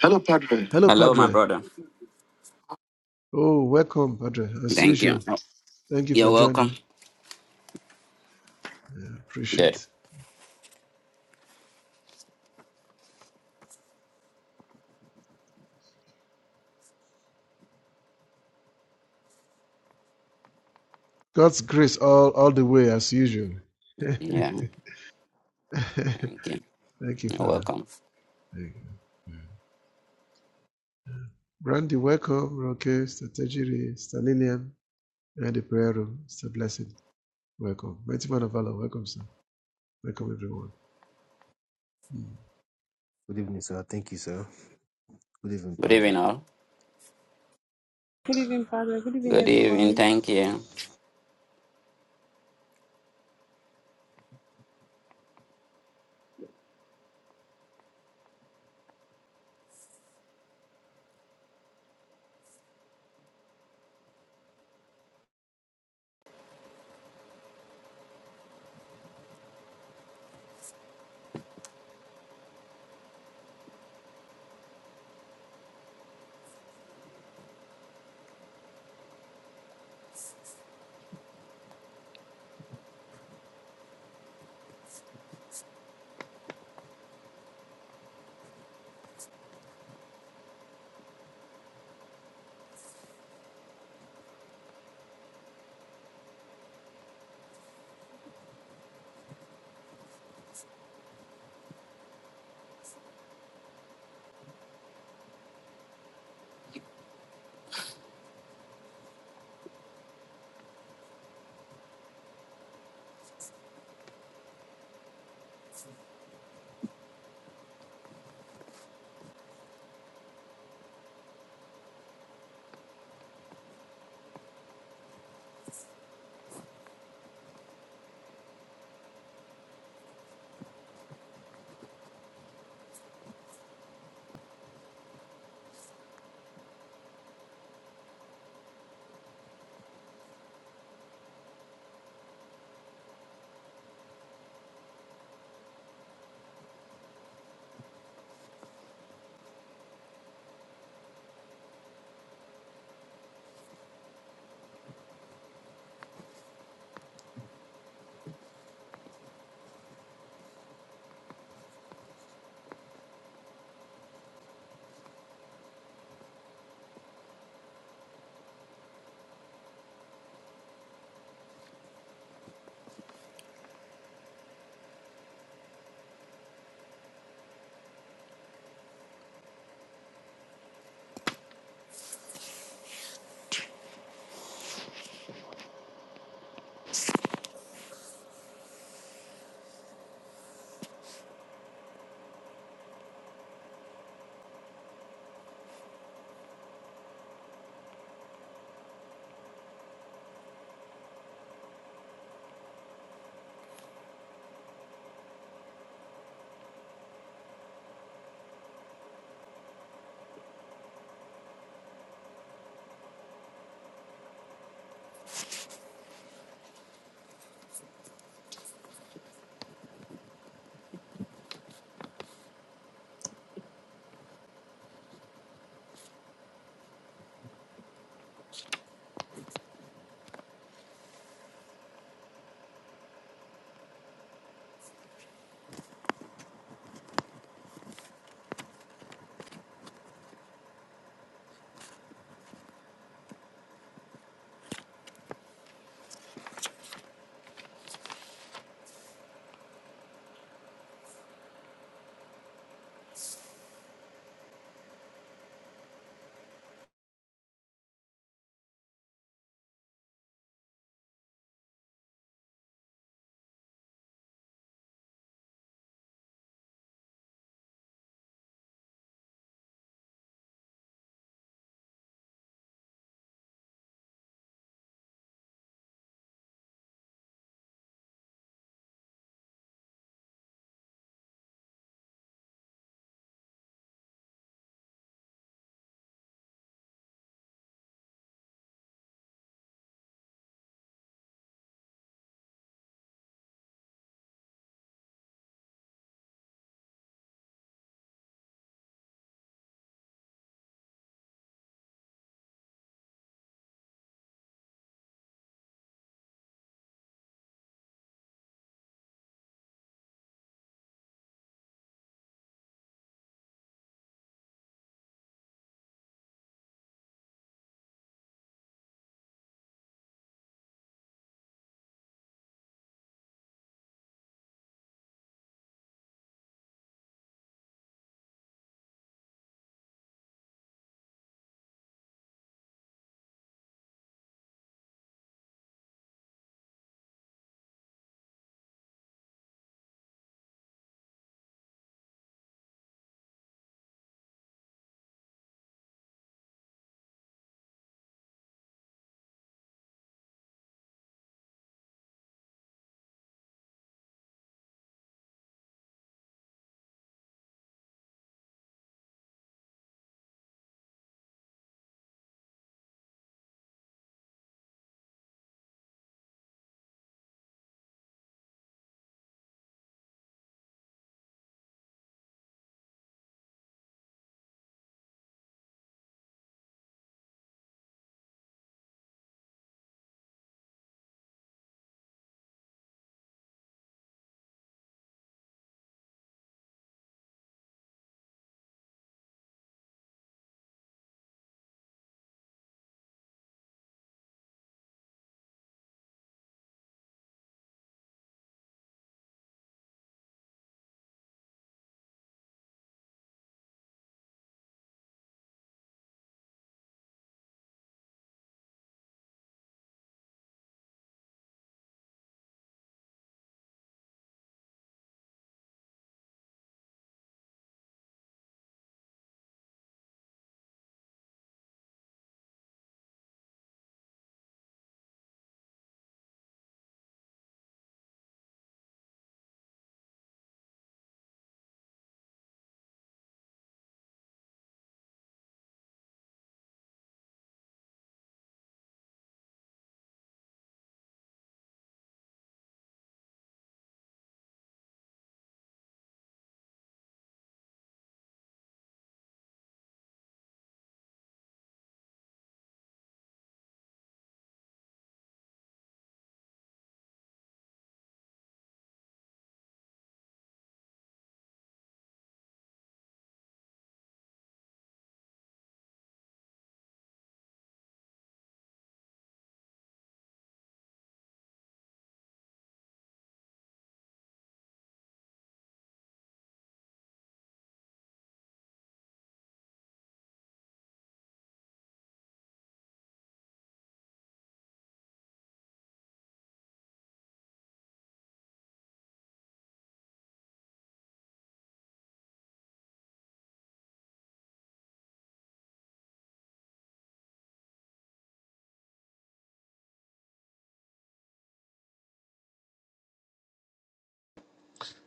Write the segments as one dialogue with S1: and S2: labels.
S1: Hello, Padre.
S2: Hello,
S1: Hello, my
S2: Padre.
S1: brother.
S2: Oh, welcome, Padre. As
S1: Thank you.
S2: usual,
S1: Oh,
S2: thank you
S1: You're
S2: for joining.
S1: welcome.
S2: Yeah,
S1: Good.
S2: appreciate God's grace all all the way, as usual. thank
S1: Yeah, thank you.
S2: you,
S1: You're
S2: Father.
S1: welcome.
S2: Thank you. Yeah. Brandy, welcome. Roque, Strategy, Stalinian, and the prayer room. It's a blessing. Welcome. Mighty man of valor. Welcome, sir. Welcome, everyone. Mm.
S3: Good evening, sir. Thank you, sir. Good evening,
S1: Good
S3: Padre.
S1: evening, all.
S4: Good evening, Father. Good evening,
S1: Good evening.
S4: everyone.
S1: Thank you.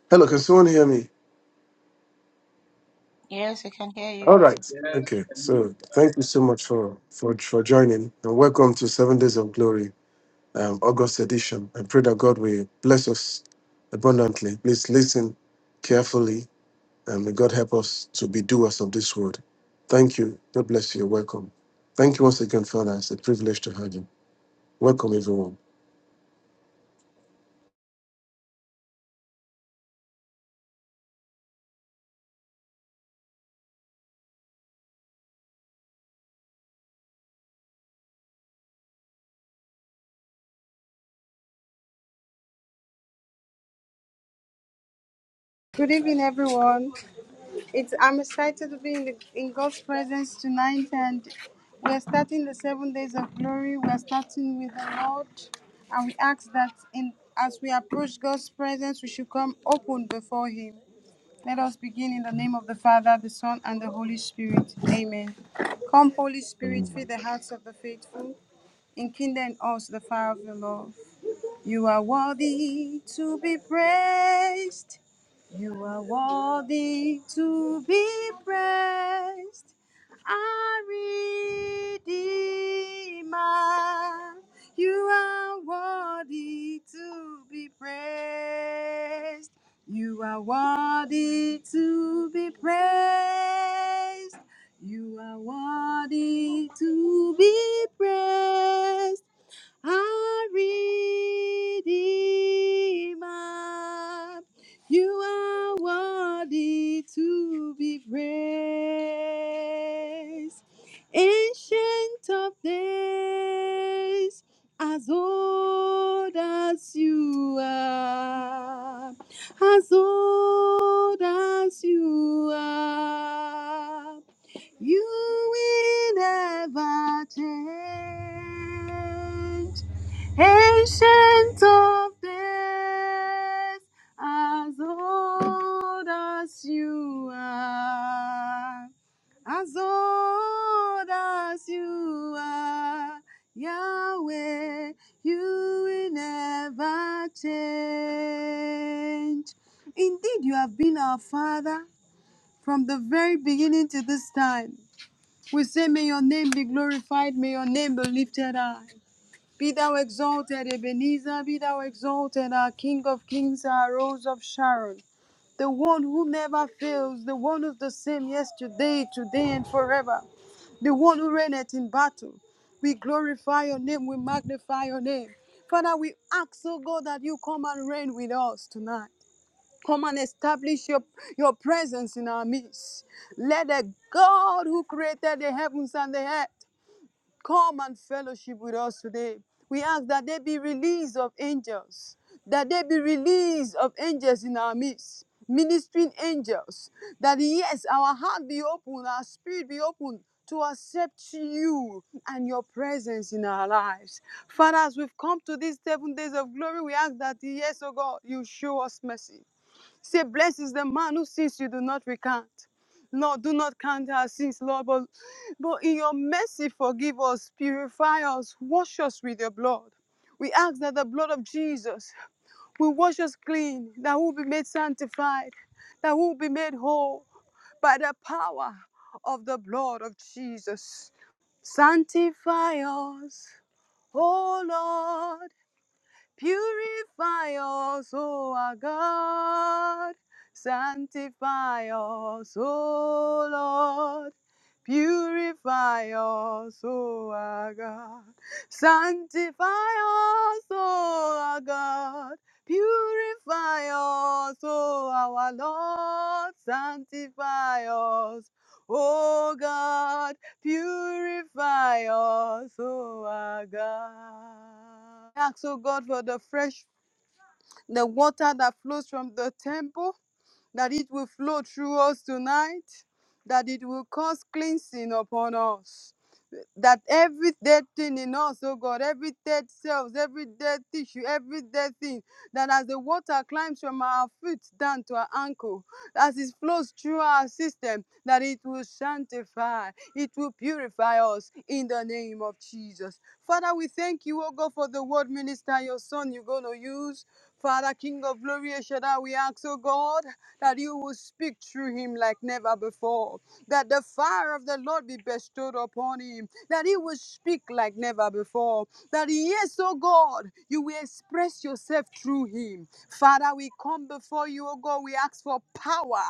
S2: Hello, can someone hear me?
S5: Yes, I can hear
S2: All
S5: you.
S2: right.
S6: Yes,
S2: Okay.
S6: and you.
S2: So thank you so much for for for joining and welcome to Seven Days of Glory. um, August edition. I pray that God will bless us abundantly. Please listen carefully and may God help us to be doers of this word. Thank you. God bless you. You're Welcome. Thank you once again, Father. It's a privilege to have you. Welcome, everyone.
S4: Good evening, everyone. It's I'm excited to be in the in God's presence tonight, and we're starting the seven days of glory. We're starting with the Lord, and we ask that in as we approach God's presence, we should come open before Him. Let us begin in the name of the Father, the Son, and the Holy Spirit. Amen. Come, Holy Spirit, fill
S2: Amen.
S4: the hearts of the faithful, enkindle in us the fire of your love. You are worthy to be praised. You are worthy to be praised. Our Redeemer, you are worthy to be praised. You are worthy to be praised. You are worthy to be praised our Redeemer. You are worthy to be praised. Ancient of days, as old as you are, as old as you are, you will never change. Ancient of days, as old as you are, as old as you are, Yahweh, you will never change. Indeed, you have been our Father from the very beginning to this time. We say, May your name be glorified, may your name be lifted high. Be thou exalted, Ebenezer, be thou exalted, our King of Kings, our Rose of Sharon, the one who never fails, the one who's the same yesterday, today, and forever, the one who reigneth in battle. We glorify your name, we magnify your name. Father, we ask, oh God, that you come and reign with us tonight. Come and establish your, your presence in our midst. Let the God who created the heavens and the earth come and fellowship with us today. We ask that there be release of angels, that there be release of angels in our midst, ministering angels, that yes, our heart be open, our spirit be open to accept you and your presence in our lives. Father, as we've come to these seven days of glory, we ask that yes, oh God, you show us mercy. Say, blessed is the man who sins you do not recount. Lord, do not count our sins, Lord, but, but in your mercy, forgive us, purify us, wash us with your blood. We ask that the blood of Jesus will wash us clean, that we'll be made sanctified, that we'll be made whole by the power of the blood of Jesus. Sanctify us, O Lord, Purify us, O our God. Sanctify us, O Lord. Purify us, O our God. Sanctify us, O our God. Purify us, O our Lord. Sanctify us, O God. Purify us, O our God. I Ask, O God, for the fresh, the water that flows from the temple, that it will flow through us tonight, that it will cause cleansing upon us that every dead thing in us, oh God, every dead cells, every dead tissue, every dead thing, that as the water climbs from our foot down to our ankle, as it flows through our system, that it will sanctify, it will purify us in the name of Jesus. Father, we thank you, oh God, for the word minister, your son, you're going to use. Father, King of glory, El Shaddai, we ask, oh God, that you will speak through him like never before, that the fire of the Lord be bestowed upon him that He will speak like never before. That yes, oh God, you will express yourself through Him. Father, we come before you, oh God. We ask for power.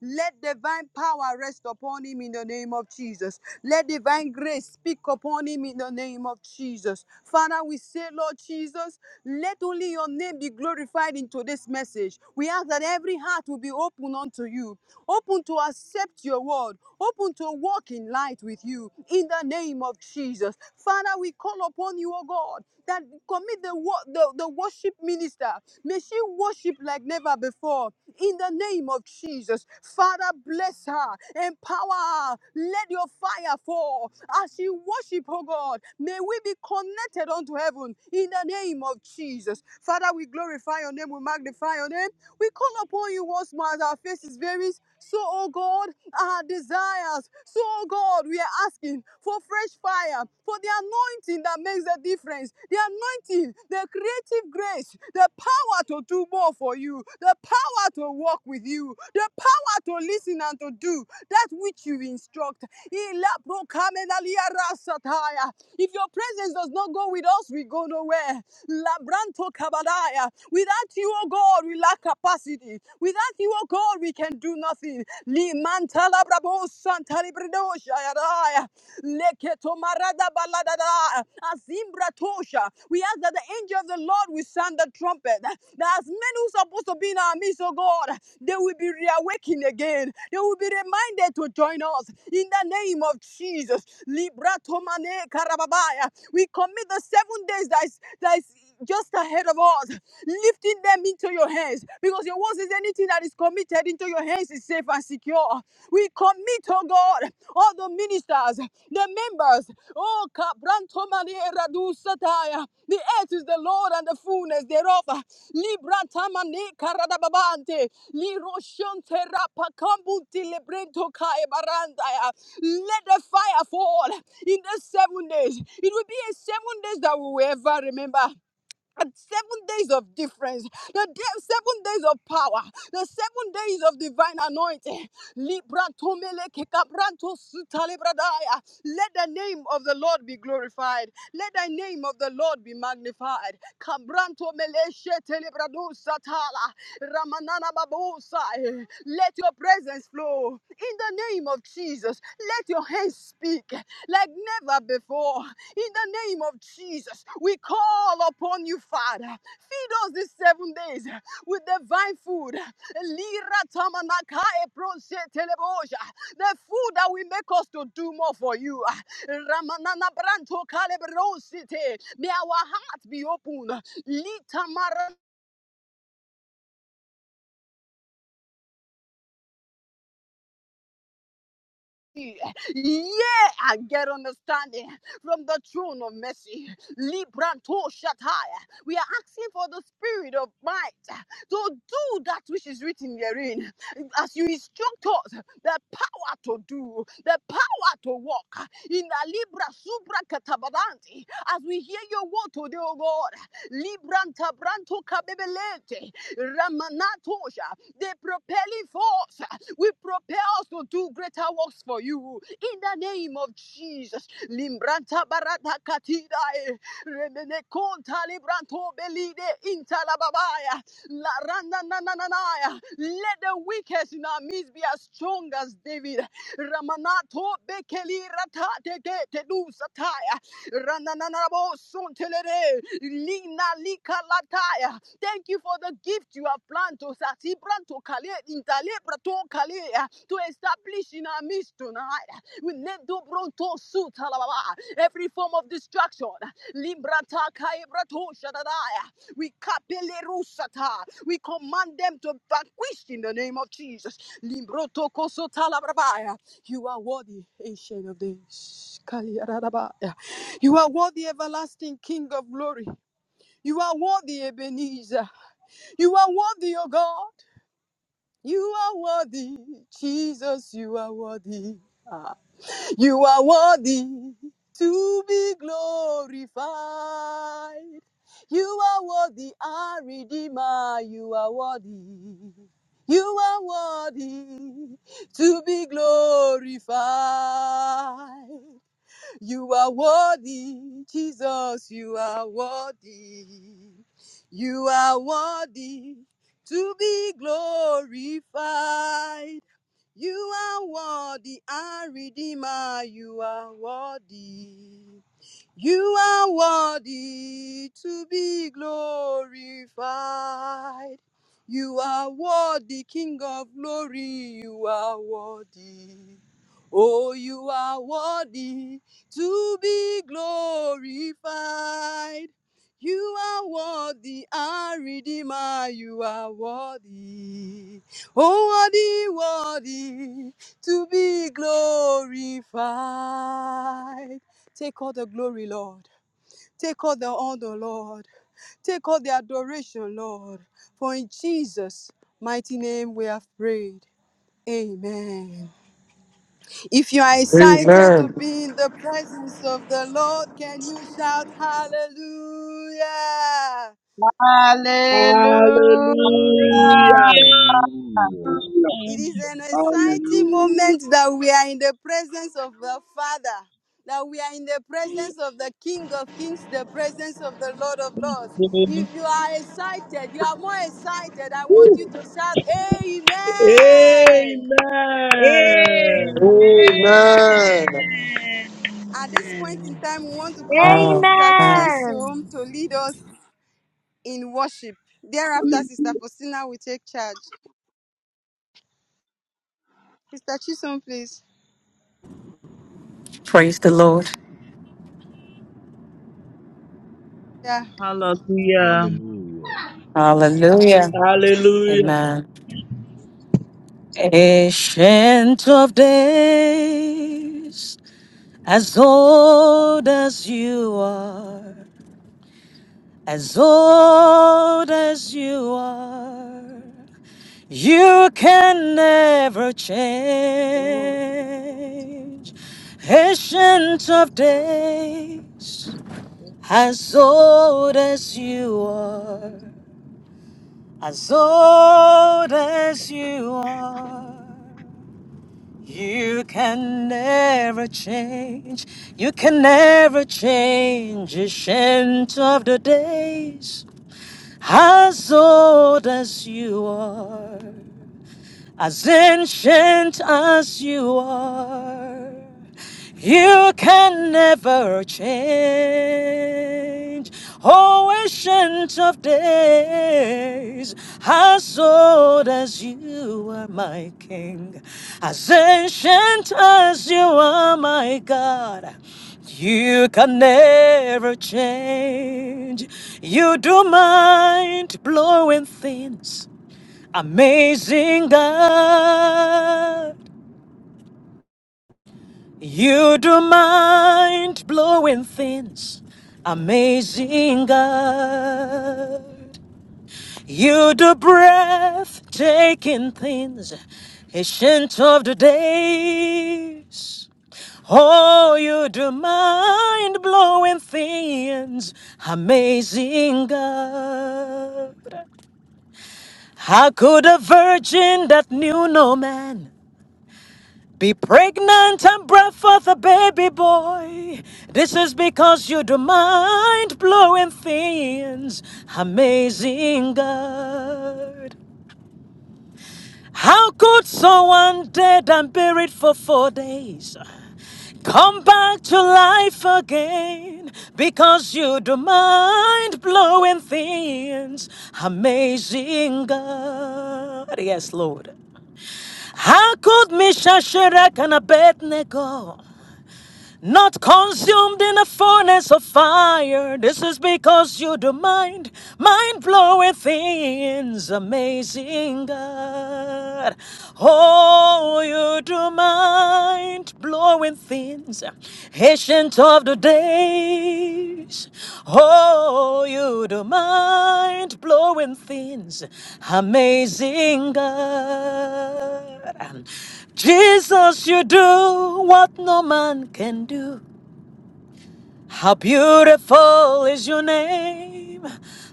S4: Let divine power rest upon Him in the name of Jesus. Let divine grace speak upon Him in the name of Jesus. Father, we say, Lord Jesus, let only your name be glorified in today's message. We ask that every heart will be open unto you open to accept your word, open to walk in light with you in the name of Jesus. Father, we call upon you, O God, that commit the, wo- the, the worship minister. May she worship like never before in the name of Jesus. Father, bless her, empower her, let your fire fall as she worship, oh God. May we be connected unto heaven in the name of Jesus. Father, we glorify your name, we magnify your name. We call upon you once more as our faces varies. So, oh God, our desires. So, oh God, we are asking for fresh fire, for the anointing that makes the difference, the anointing, the creative grace, the power to do more for you, the power to walk with you, the power to listen and to do that which you instruct. If your presence does not go with us, we go nowhere. Labranto kabadaya. Without you, oh God, we lack capacity. Without you, oh God, we can do nothing. Limanta labrabo santa librido shayaraya. Leketo marada baladada. Azimbra tosha. We ask that the angel of the Lord will sound the trumpet. That as men who are supposed to be in our midst, oh God, they will be reawakened again. They will be reminded to join us in the name of Jesus. Libra tomane karababaya. We commit the seven days that is, that is is just ahead of us, lifting them into your hands. Because your word says anything that is committed into your hands is safe and secure. We commit, oh God, all the ministers, the members. Oh, Kabranto Manera du Sataya. The earth is the Lord and the fullness thereof. Librata Mane Karadababante. Liroshonte Rapakambuti Lebrento Kae Barandaya. Let the fire fall in the seven days. It will be a seven days that we will ever remember and seven days of difference, the day, seven days of power, the seven days of divine anointing. Libra tomele kekabranto sutale Let the name of the Lord be glorified. Let the name of the Lord be magnified. Kabranto mele shetele satala. Ramanana babosai. Let your presence flow in the name of Jesus. Let your hands speak like never before. In the name of Jesus, we call upon you, Father. Feed us these seven days with divine food. The food that will make us to do more for you. Ramanana May our heart be open. Yeah, I get understanding from the throne of mercy. Libranto Shataya. We are asking for the spirit of might to do that which is written therein. As you instruct us, the power to do, the power to walk in the Libra Subra Katabadanti. As we hear your word today, O God, Libranta Branto Kabebelete, Ramanatosha, the propelling force will prepare us to do greater works for you. In the name of Jesus. Limbranta barata katida remene conta libranto belide intalababaya. La randa na Let the weakest in our midst be as strong as David. Ramanato bekeli ratate te te du sataya. Rananabo suntelere. Lina lika lataya. Thank you for the gift you have planted. Sasi branto kale intale prato kale ah, to establish in our midst tonight. We need to bronto suit halababa. every form of destruction. Librata kai brato shadadaya. We kapele rusata. We command them to vanquish in the name of Jesus. Limbroto koso talabrabaya. You are worthy, ancient of days. Kali arabaya. You are worthy, everlasting King of glory. You are worthy, Ebenezer. You are worthy, O God. You are worthy, Jesus. You are worthy. Ah. You are worthy to be glorified. You are worthy, our Redeemer. You are worthy. You are worthy to be glorified. You are worthy, Jesus, you are worthy. You are worthy to be glorified. You are worthy, our Redeemer, you are worthy. You are worthy to be glorified. You are worthy, King of glory. You are worthy. Oh, you are worthy to be glorified. You are worthy, our Redeemer. You are worthy. Oh, worthy, worthy to be glorified. Take all the glory, Lord. Take all the honor, Lord. Take all the adoration, Lord. For in Jesus' mighty name we have prayed. Amen. If you are
S3: Amen.
S4: excited to
S2: Amen.
S4: be in the presence of the Lord, can you shout hallelujah?
S7: Hallelujah.
S8: Hallelujah.
S5: Hallelujah.
S3: Hallelujah.
S9: Hallelujah,
S4: It is an exciting
S9: hallelujah,
S4: moment that we are in the presence of the Father, that we are in the presence of the King of Kings, the presence of the Lord of Lords. If you are excited, you are more excited, I want
S8: Woo.
S4: you to shout, Amen.
S7: Amen.
S8: Amen.
S3: Amen.
S2: Amen.
S4: At this point in time, we want to call on
S10: Wow.
S4: Sister
S10: Wow.
S11: Amen.
S4: Chisom to lead us in worship. Thereafter, Sister
S9: hallelujah.
S4: Faustina will take charge. Sister Chisom, please.
S10: Praise the Lord.
S4: Yeah,
S8: Hallelujah.
S3: Hallelujah.
S10: Hallelujah.
S7: Hallelujah.
S10: Amen. Ancient of days, as old as you are, as old as you are, you can never
S12: Oh.
S10: change. Ancient of days, as old as you are. As old as you are, you can never change. You can never change the scent of the days. As old as you are as ancient as you are, you can never change. Oh, ancient of days, as old as you are, my King, as ancient as you are, my God. You can never change. You do mind blowing things. Amazing God, you do mind blowing things. Amazing God, you do breathtaking things. Ancient of the days. Oh, you do mind blowing things, amazing God. How could a virgin that knew no man? Be pregnant and bring forth a baby boy. This is because you do mind blowing things. Amazing God. How could someone dead and buried for four days? Come back to life again because you do mind blowing things. Amazing God. Yes, Lord. How could Misha Sherek and Abednego? not consumed in a furnace of fire. This is because you do mind, mind blowing things, amazing God. Oh, you do mind blowing things, ancient of the days. Oh, you do mind blowing things, amazing God. Jesus, you do what no man can do. How beautiful is your name.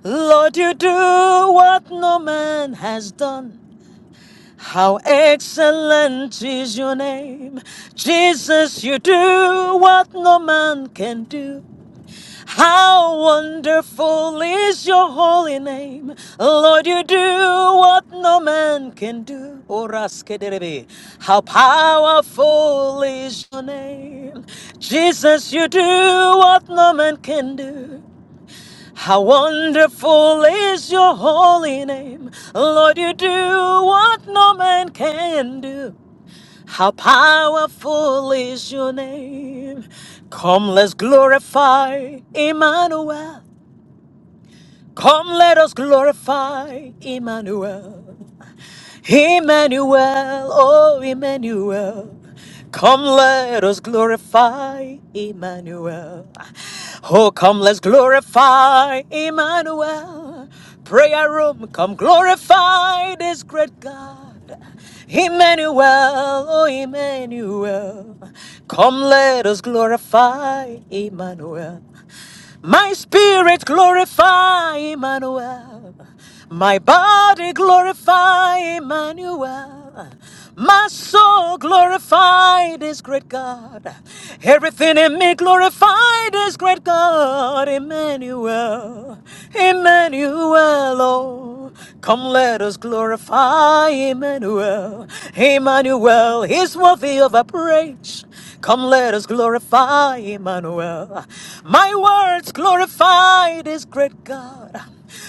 S10: Lord, you do what no man has done. How excellent is your name. Jesus, you do what no man can do. How wonderful is your holy name. Lord, you do what no man can do. Orasketerebe. How powerful is your name. Jesus, you do what no man can do. How wonderful is your holy name. Lord, you do what no man can do. How powerful is your name? Come, let's glorify Emmanuel. Come, let us glorify Emmanuel. Emmanuel, oh Emmanuel, come let us glorify Emmanuel. Oh, come let's glorify Emmanuel. Prayer room, come glorify this great God. Emmanuel, oh Emmanuel, come let us glorify Emmanuel. My spirit glorify Emmanuel. My body glorify Emmanuel. My soul glorify this great God. Everything in me glorify this great God. Emmanuel. Emmanuel. Oh, come let us glorify Emmanuel. Emmanuel is worthy of our praise. Come, let us glorify Emmanuel. My words glorify this great God.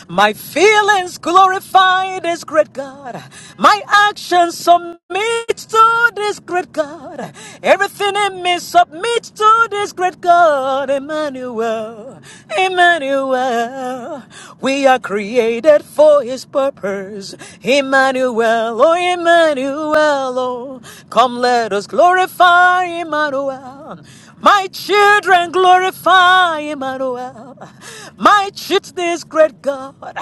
S10: My feelings glorify this great God. My actions submit to this great God. Everything in me submits to this great God, Emmanuel. Emmanuel. We are created for his purpose. Emmanuel, oh Emmanuel, oh. Come let us glorify Emmanuel. My children glorify Emmanuel. My children, this great God.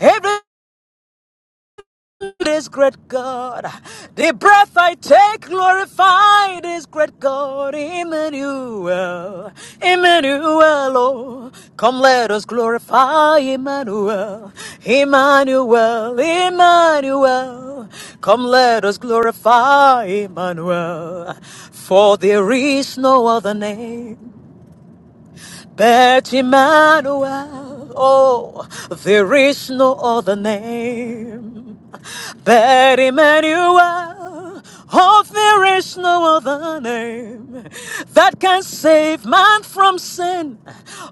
S10: Every this great God. The breath I take glorify this great God, Emmanuel, Emmanuel. Oh, come let us glorify Emmanuel, Emmanuel, Emmanuel. Come let us glorify Emmanuel, for there is no other name. But Emmanuel, oh, there is no other name. But Emmanuel, oh, there is no other name that can save man from sin.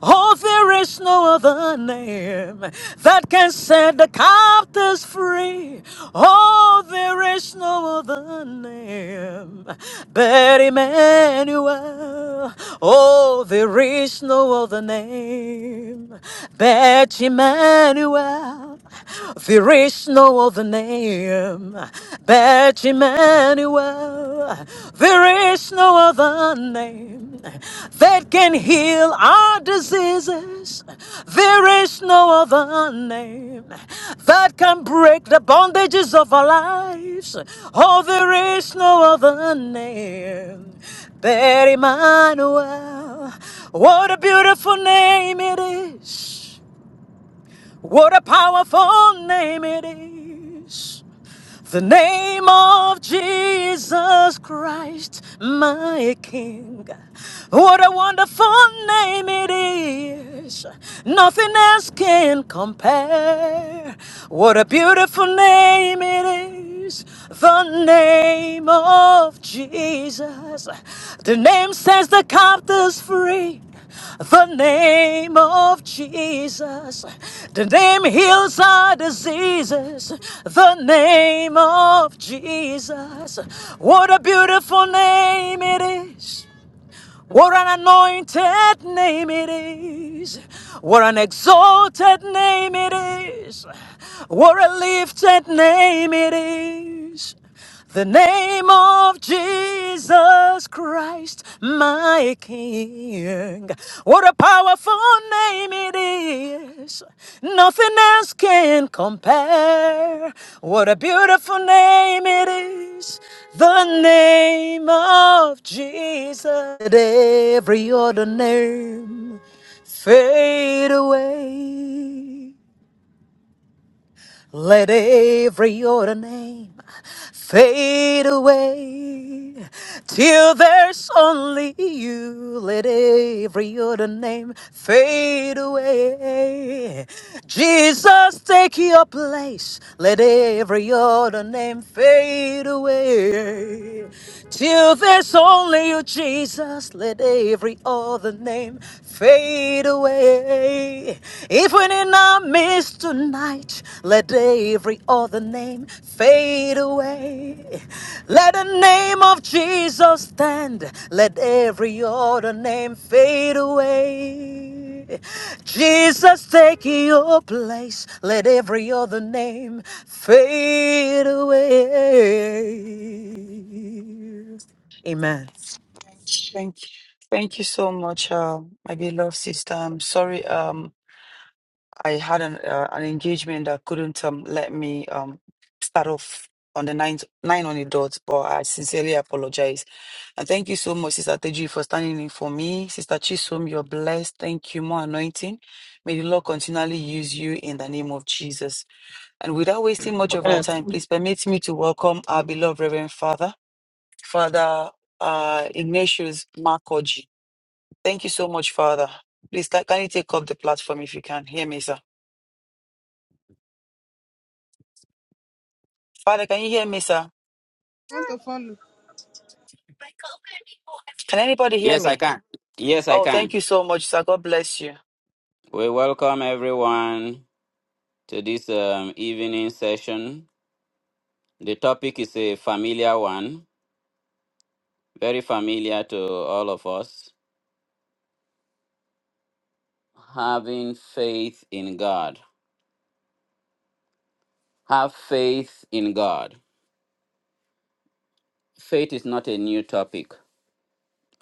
S10: Oh, there is no other name that can set the captives free free. Oh, there is no other name but Emmanuel. Oh, there is no other name but Emmanuel. There is no other name but Emmanuel. There is no of a name that can heal our diseases. There is no other name that can break the bondages of our lives. Oh, there is no other name but Emmanuel. What a beautiful name it is! What a powerful name it is! The name of Jesus Christ, my King. What a wonderful name it is. Nothing else can compare. What a beautiful name it is. The name of Jesus. The name sets the captives free. The name of Jesus. The name heals our diseases. The name of Jesus. What a beautiful name it is. What an anointed name it is. What an exalted name it is. What a lifted name it is. The name of Jesus Christ, my King. What a powerful wonderful name it is. Nothing else can compare. What a beautiful name it is. The name of Jesus. Let Every other name fade away. Let every other name fade away till there's only you. Let every other name fade away. Jesus, take your place. Let every other name fade away till there's only you, Jesus. Let every other name fade fade away. If we're in our midst tonight, let every other name fade away. Let the name of Jesus stand. Let every other name fade away. Jesus, take your place. Let every other name fade away. Amen.
S13: Thank you. Thank you so much, uh, my beloved sister. I'm sorry um, I had an, uh, an engagement that couldn't um, let me um, start off on the nine, nine on the dot, but I sincerely apologize. And thank you so much, Sister Teju, for standing in for me. Sister Chisom, you're blessed. Thank you. More anointing. May the Lord continually use you in the name of Jesus. And without wasting much of our time, please permit me to welcome our beloved Reverend Father, Father uh, Ignatius Markoji. Thank you so much, Father. Please, can, can you take up the platform if you can hear me, sir? Father, can you hear me, sir?
S4: I want to follow.
S13: Can anybody hear
S1: Yes, I
S13: me?
S1: can. Yes, I
S13: Oh, thank
S1: can.
S13: you so much, sir. God bless you.
S1: We welcome everyone to this um, evening session. The topic is a familiar one, very familiar to all of us. Having faith in God. Have faith in God. Faith is not a new topic.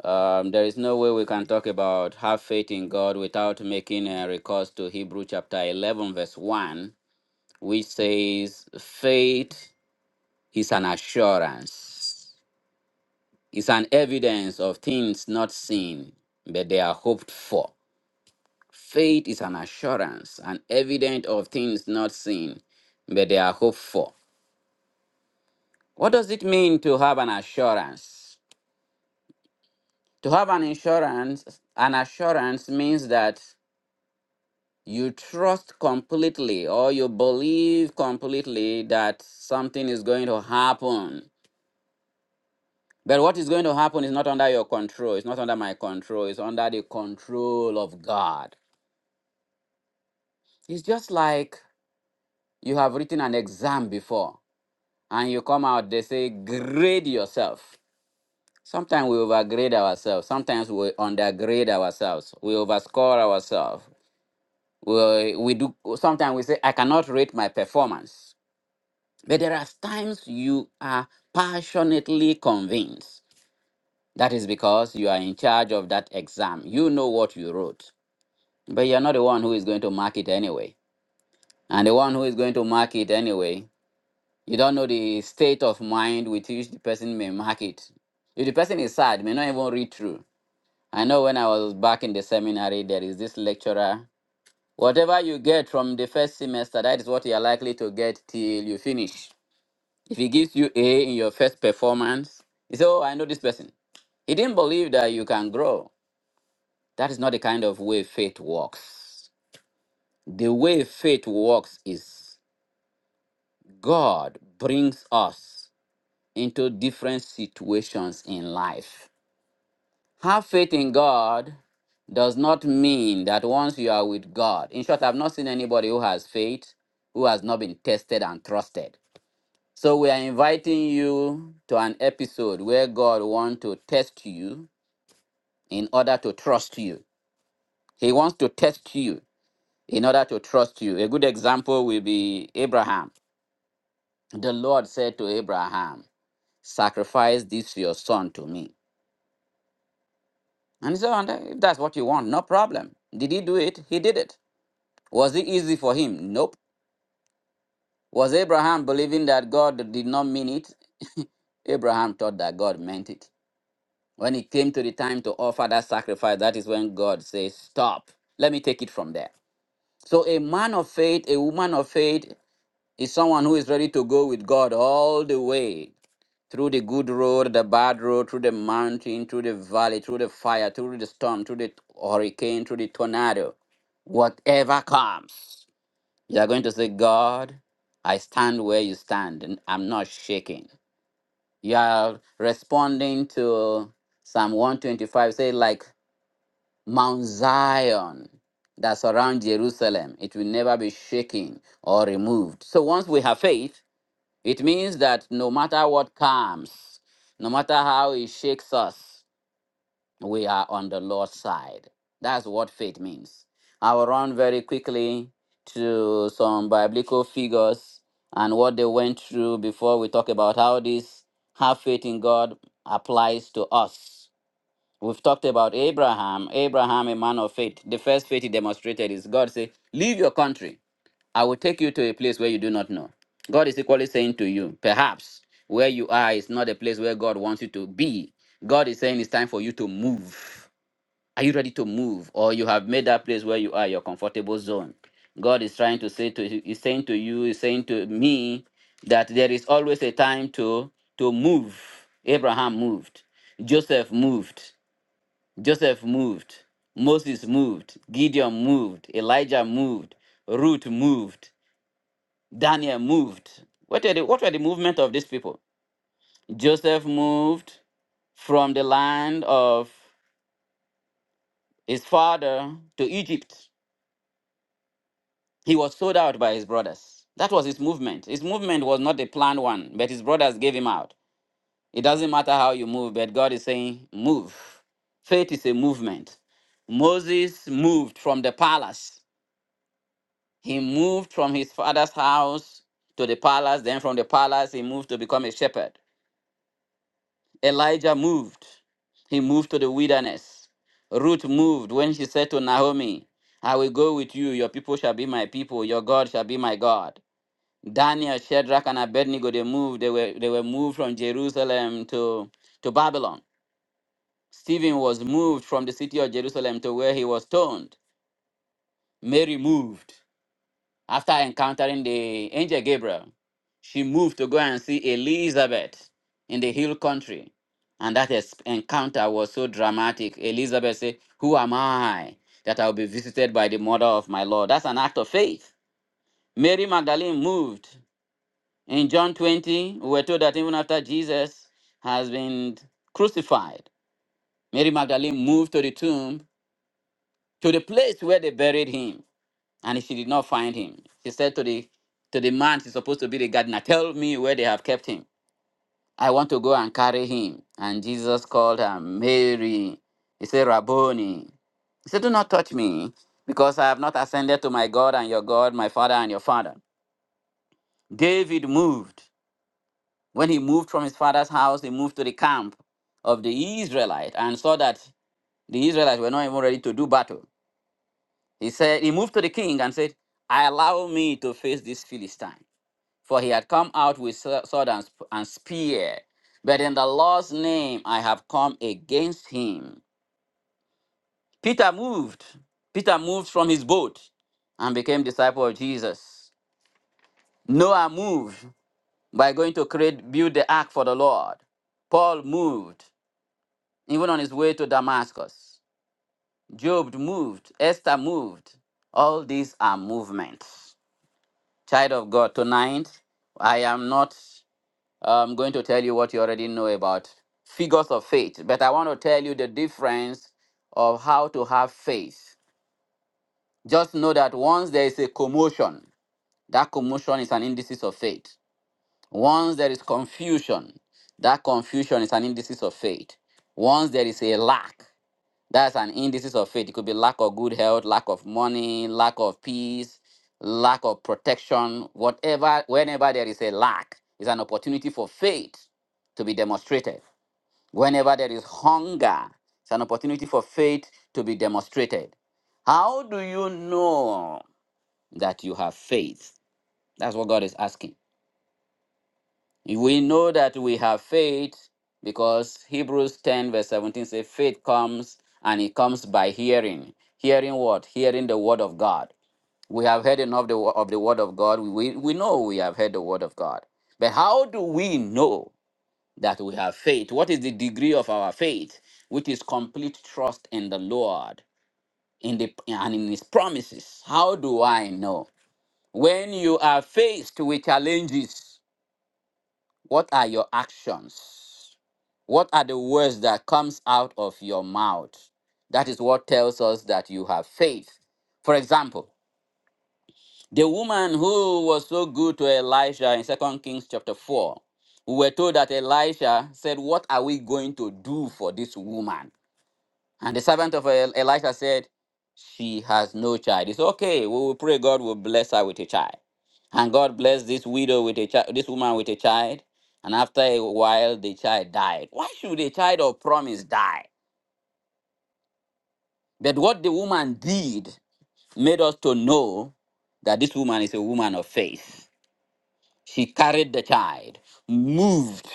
S1: Um, there is no way we can talk about have faith in God without making a recourse to Hebrew chapter 11, verse 1, which says, Faith is an assurance, it's an evidence of things not seen, but they are hoped for. Faith is an assurance, an evidence of things not seen, but they are hoped for. What does it mean to have an assurance? To have an insurance, an assurance means that you trust completely or you believe completely that something is going to happen. But what is going to happen is not under your control. It's not under my control. It's under the control of God. It's just like you have written an exam before and you come out, they say, grade yourself. Sometimes we overgrade ourselves. Sometimes we undergrade ourselves. We overscore ourselves. We, we do. Sometimes we say, I cannot rate my performance But there are times you are passionately convinced. That is because you are in charge of that exam. You know what you wrote, but you're not the one who is going to mark it anyway. And the one who is going to mark it anyway, you don't know the state of mind with which the person may mark it. If the person is sad, may not even read through. I know when I was back in the seminary, there is this lecturer. Whatever you get from the first semester, that is what you are likely to get till you finish. If he gives you A in your first performance, you say, Oh, I know this person. He didn't believe that you can grow. That is not the kind of way faith works. The way faith works is God brings us into different situations in life. Have faith in God does not mean that once you are with God, in short, I've not seen anybody who has faith who has not been tested and trusted. So we are inviting you to an episode where God wants to test you in order to trust you. He wants to test you in order to trust you. A good example will be Abraham. The Lord said to Abraham, Sacrifice this your son to me. And he said, "And If that's what you want, no problem. Did he do it? He did it. Was it easy for him? Nope. Was Abraham believing that God did not mean it? Abraham thought that God meant it. When it came to the time to offer that sacrifice, that is when God says, Stop. Let me take it from there. So, a man of faith, a woman of faith, is someone who is ready to go with God all the way through the good road, the bad road, through the mountain, through the valley, through the fire, through the storm, through the hurricane, through the tornado. Whatever comes, you are going to say, God, I stand where you stand, and I'm not shaking. You are responding to Psalm 125, say, like Mount Zion that surrounds Jerusalem. It will never be shaken or removed. So once we have faith, it means that no matter what comes, no matter how it shakes us, we are on the Lord's side. That's what faith means. I will run very quickly to some biblical figures and what they went through before we talk about how this have faith in God applies to us. We've talked about Abraham, Abraham, a man of faith. The first faith he demonstrated is God say, Leave your country. I will take you to a place where you do not know. God is equally saying to you, perhaps where you are is not a place where God wants you to be. God is saying it's time for you to move. Are you ready to move? Or you have made that place where you are your comfortable zone. God is trying to say to is saying to you, is saying to me that there is always a time to to move. Abraham moved. Joseph moved. Joseph moved. Moses moved. Gideon moved. Elijah moved. Ruth moved. Daniel moved. What were the, what were the movement of these people? Joseph moved from the land of his father to Egypt. He was sold out by his brothers. That was his movement. His movement was not a planned one, but his brothers gave him out. It doesn't matter how you move, but God is saying, move. Faith is a movement. Moses moved from the palace He moved from his father's house to the palace. Then from the palace, he moved to become a shepherd. Elijah moved. He moved to the wilderness. Ruth moved when she said to Naomi, I will go with you. Your people shall be my people. Your God shall be my God. Daniel, Shadrach, and Abednego, they moved. They were, they were moved from Jerusalem to, to Babylon. Stephen was moved from the city of Jerusalem to where he was stoned. Mary moved. After encountering the angel Gabriel, she moved to go and see Elizabeth in the hill country. And that es- encounter was so dramatic. Elizabeth said, Who am I that I'll be visited by the mother of my Lord? That's an act of faith. Mary Magdalene moved. In John 20, we were told that even after Jesus has been crucified, Mary Magdalene moved to the tomb, to the place where they buried him. and she did not find him. She said to the to the man she's supposed to be the gardener, tell me where they have kept him. I want to go and carry him. And Jesus called her Mary. He said, Rabboni. He said, Do not touch me, because I have not ascended to my God and your God, my father and your father. David moved. When he moved from his father's house, he moved to the camp of the Israelite and saw that the Israelites were not even ready to do battle. He said, he moved to the king and said, "I Allow me to face this Philistine. for he had come out with sw- sword and, sp- and spear. But in the Lord's name I have come against him. Peter moved. Peter moved from his boat and became disciple of Jesus. Noah moved by going to create, build the ark for the Lord. Paul moved, even on his way to Damascus. Job moved. Esther moved. All these are movements. Child of God, tonight I am not. I'm going to tell you what you already know about figures of faith, but I want to tell you the difference of how to have faith. Just know that once there is a commotion, that commotion is an indices of faith. Once there is confusion, that confusion is an indices of faith. Once there is a lack, that's an indices of faith. It could be lack of good health, lack of money, lack of peace, lack of protection, whatever, whenever there is a lack, is an opportunity for faith to be demonstrated. Whenever there is hunger, it's an opportunity for faith to be demonstrated. How do you know that you have faith? That's what God is asking. We know that we have faith because Hebrews 10, verse 17 says, faith comes and it comes by hearing. Hearing what? Hearing the word of God. We have heard enough the, wo- of the word of God. We, we know we have heard the word of God. But how do we know that we have faith? What is the degree of our faith? Which is complete trust in the Lord in the, and in his promises. How do I know? When you are faced with challenges, what are your actions? What are the words that comes out of your mouth? That is what tells us that you have faith. For example, the woman who was so good to Elisha in Second Kings chapter 4, we were told that Elisha said, What are we going to do for this woman? And the servant of El- Elisha said, She has no child. It's okay. We will pray God will bless her with a child. And God blessed this widow with a child, this woman with a child. And after a while, the child died. Why should a child of promise die? But what the woman did made us to know that this woman is a woman of faith. She carried the child, moved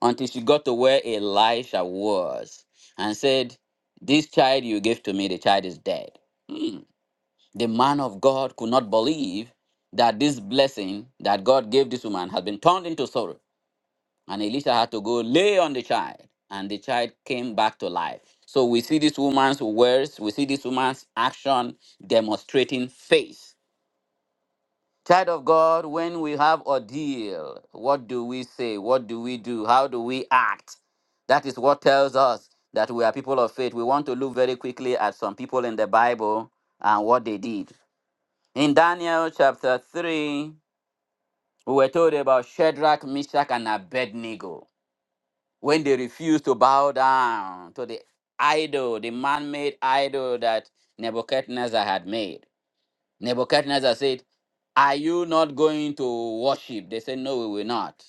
S1: until she got to where Elisha was, and said, This child you gave to me, the child is dead. Hmm. The man of God could not believe that this blessing that God gave this woman had been turned into sorrow. And Elisha had to go lay on the child, and the child came back to life. So we see this woman's words, we see this woman's action demonstrating faith. Child of God, when we have ordeal, what do we say? What do we do? How do we act? That is what tells us that we are people of faith. We want to look very quickly at some people in the Bible and what they did. In Daniel chapter 3, we were told about Shadrach, Meshach, and Abednego when they refused to bow down to the idol, the man made idol that Nebuchadnezzar had made. Nebuchadnezzar said, Are you not going to worship? They said, No, we will not.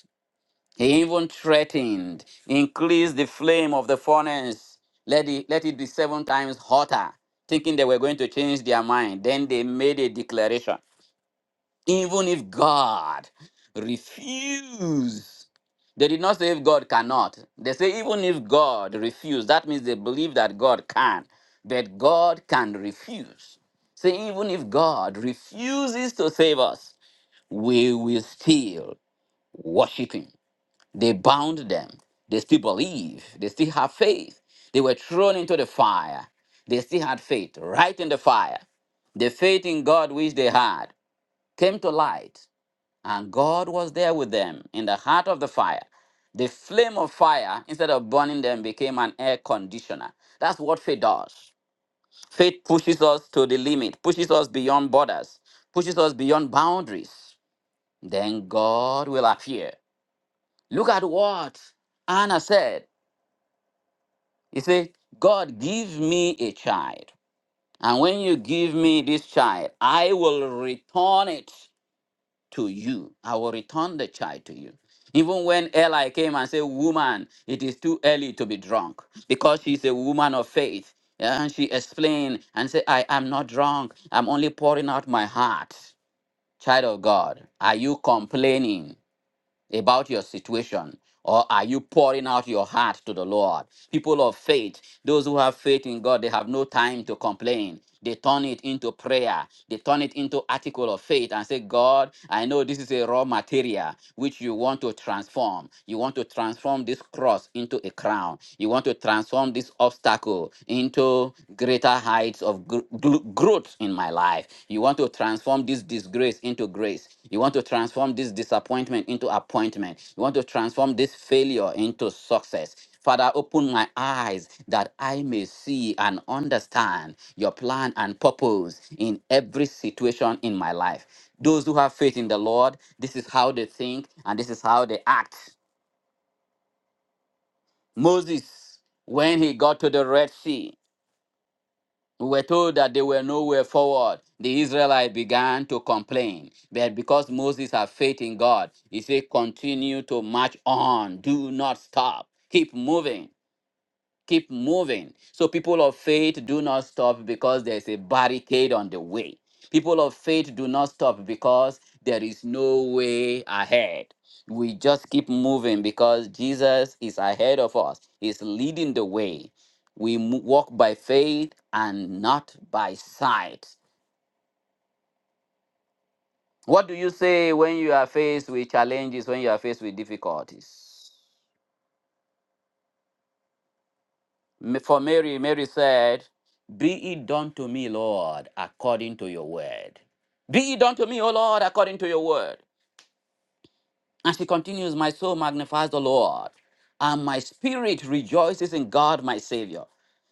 S1: He even threatened, increase the flame of the furnace, let it, let it be seven times hotter, thinking they were going to change their mind. Then they made a declaration. Even if God refuse, they did not say if God cannot. They say even if God refuse, that means they believe that God can, but God can refuse. Say even if God refuses to save us, we will still worship Him. They bound them. They still believe. They still have faith. They were thrown into the fire. They still had faith right in the fire. The faith in God which they had came to light and God was there with them in the heart of the fire. The flame of fire, instead of burning them, became an air conditioner. That's what faith does. Faith pushes us to the limit, pushes us beyond borders, pushes us beyond boundaries. Then God will appear. Look at what Anna said. He said, God, give me a child. And when you give me this child, I will return it to you. I will return the child to you. Even when Eli came and said, Woman, it is too early to be drunk, because she's a woman of faith. Yeah, And she explained and said, I am not drunk. I'm only pouring out my heart. Child of God, are you complaining? about your situation? Or are you pouring out your heart to the Lord? People of faith, those who have faith in God, they have no time to complain. They turn it into prayer. They turn it into article of faith and say, God, I know this is a raw material which you want to transform. You want to transform this cross into a crown. You want to transform this obstacle into greater heights of gr- gl- growth in my life. You want to transform this disgrace into grace. You want to transform this disappointment into appointment. You want to transform this failure into success. Father, open my eyes that I may see and understand your plan and purpose in every situation in my life. Those who have faith in the Lord, this is how they think and this is how they act. Moses, when he got to the Red Sea, We were told that they were nowhere forward. The Israelites began to complain. But because Moses had faith in God, he said, continue to march on. Do not stop. Keep moving keep moving. So people of faith do not stop because there's a barricade on the way. People of faith do not stop because there is no way ahead. We just keep moving because Jesus is ahead of us. He's leading the way. We mo- walk by faith and not by sight. What do you say when you are faced with challenges, when you are faced with difficulties? Ma- For Mary, Mary said, Be it done to me, Lord, according to your word. Be it done to me, O Lord, according to your word. And she continues, My soul magnifies the Lord, and my spirit rejoices in God, my Savior.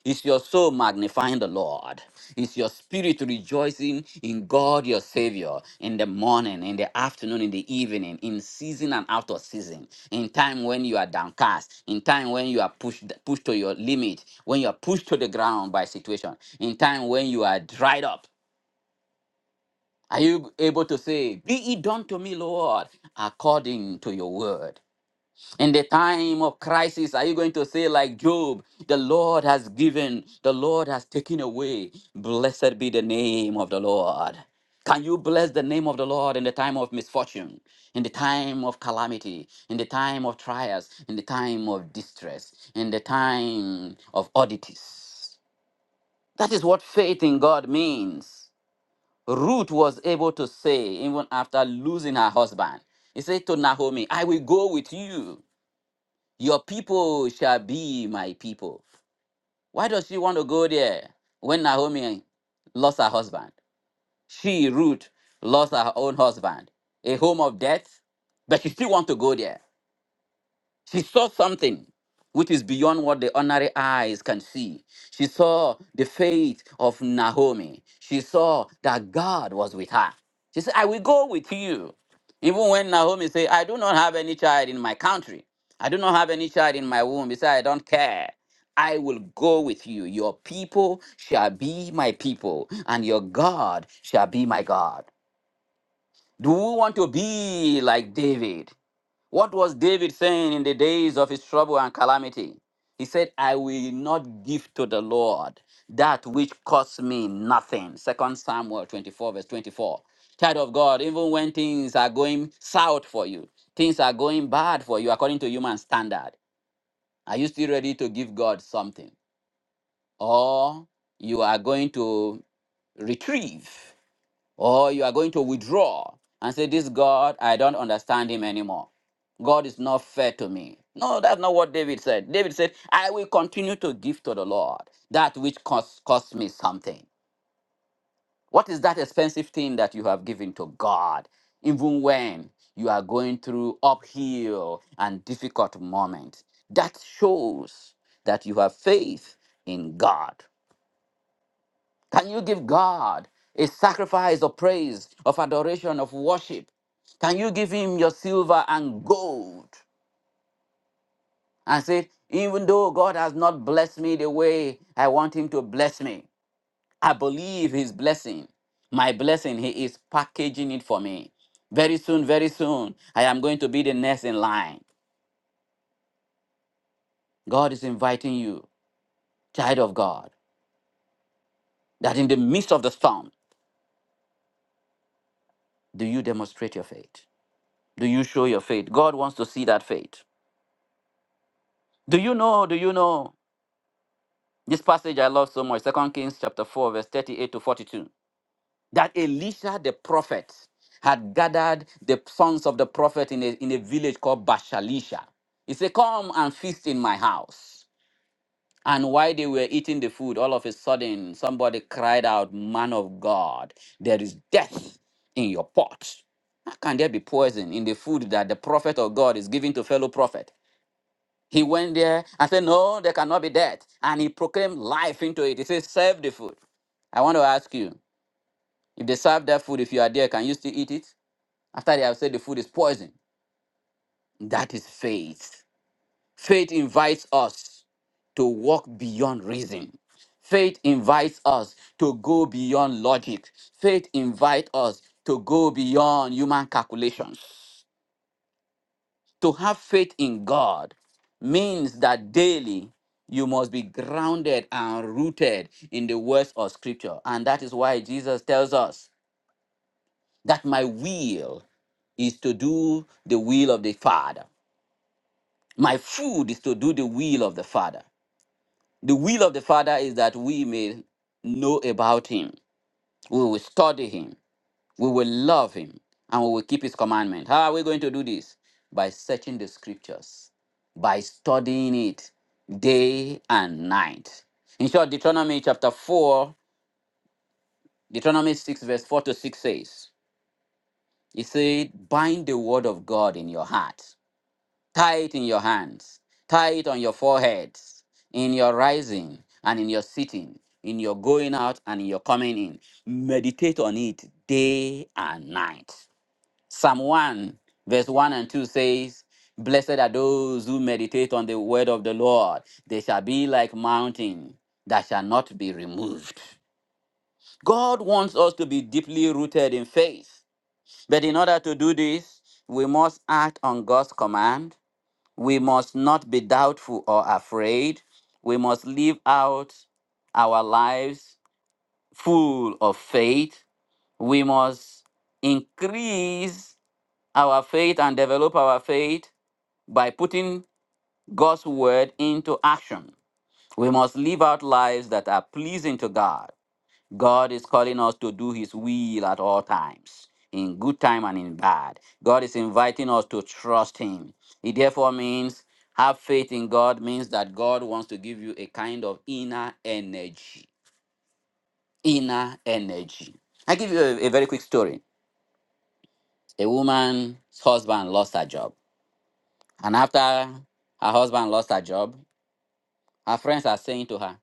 S1: Is your soul magnifying the Lord? Is your spirit rejoicing in God, your Savior, in the morning, in the afternoon, in the evening, in season and out of season, in time when you are downcast, in time when you are pushed pushed to your limit, when you are pushed to the ground by situation, in time when you are dried up? Are you able to say, Be it done to me, Lord, according to your word? In the time of crisis, are you going to say, like Job, the Lord has given, the Lord has taken away? Blessed be the name of the Lord. Can you bless the name of the Lord in the time of misfortune, in the time of calamity, in the time of trials, in the time of distress, in the time of oddities? That is what faith in God means. Ruth was able to say, even after losing her husband, he said to Naomi, I will go with you. Your people shall be my people. Why does she want to go there when Naomi lost her husband? She, Ruth, lost her own husband, a home of death, but she still want to go there. She saw something which is beyond what the ordinary eyes can see. She saw the faith of Naomi. She saw that God was with her. She said, I will go with you. Even when Naomi said, I do not have any child in my country. I do not have any child in my womb. He said, I don't care. I will go with you. Your people shall be my people, and your God shall be my God. Do you want to be like David? What was David saying in the days of his trouble and calamity? He said, I will not give to the Lord that which costs me nothing. Second Samuel 24, verse 24. Child of God, even when things are going south for you, things are going bad for you according to human standard, are you still ready to give God something? Or you are going to retrieve or you are going to withdraw and say, This God, I don't understand him anymore. God is not fair to me. No, that's not what David said. David said, I will continue to give to the Lord that which costs, costs me something. What is that expensive thing that you have given to God, even when you are going through uphill and difficult moments? That shows that you have faith in God. Can you give God a sacrifice of praise, of adoration, of worship? Can you give him your silver and gold and say, even though God has not blessed me the way I want him to bless me, I believe his blessing, my blessing, he is packaging it for me. Very soon, very soon, I am going to be the next in line. God is inviting you, child of God, that in the midst of the storm, do you demonstrate your faith? Do you show your faith? God wants to see that faith. Do you know, do you know this passage I love so much, Second Kings chapter 4, verse 38 to 42, that Elisha the prophet had gathered the sons of the prophet in a, in a village called Bashalisha. He said, Come and feast in my house. And while they were eating the food, all of a sudden somebody cried out, Man of God, there is death in your pot. How can there be poison in the food that the prophet of God is giving to fellow prophet? He went there and said, No, there cannot be death. And he proclaimed life into it. He says, Serve the food. I want to ask you if they serve that food, if you are there, can you still eat it? After they have said the food is poison. That is faith. Faith invites us to walk beyond reason. Faith invites us to go beyond logic. Faith invites us to go beyond human calculations. To have faith in God means that daily you must be grounded and rooted in the words of Scripture. And that is why Jesus tells us that my will is to do the will of the Father. My food is to do the will of the Father. The will of the Father is that we may know about Him, we will study Him, We will love him and we will keep his commandment. How are we going to do this? By searching the scriptures, by studying it day and night. In short, Deuteronomy chapter 4, Deuteronomy 6, verse 4 to 6 says, He said, Bind the word of God in your heart, tie it in your hands, tie it on your foreheads, in your rising and in your sitting, in your going out and in your coming in. Meditate on it day and night. Psalm 1, verse 1 and 2 says, Blessed are those who meditate on the word of the Lord. They shall be like mountain that shall not be removed. God wants us to be deeply rooted in faith. But in order to do this, we must act on God's command. We must not be doubtful or afraid. We must live out our lives full of faith. We must increase our faith and develop our faith by putting God's word into action. We must live out lives that are pleasing to God. God is calling us to do his will at all times, in good time and in bad. God is inviting us to trust him. It therefore means have faith in God means that God wants to give you a kind of inner energy. Inner energy. I give you a, a very quick story. A woman's husband lost her job And after her husband lost her job, her friends are saying to her,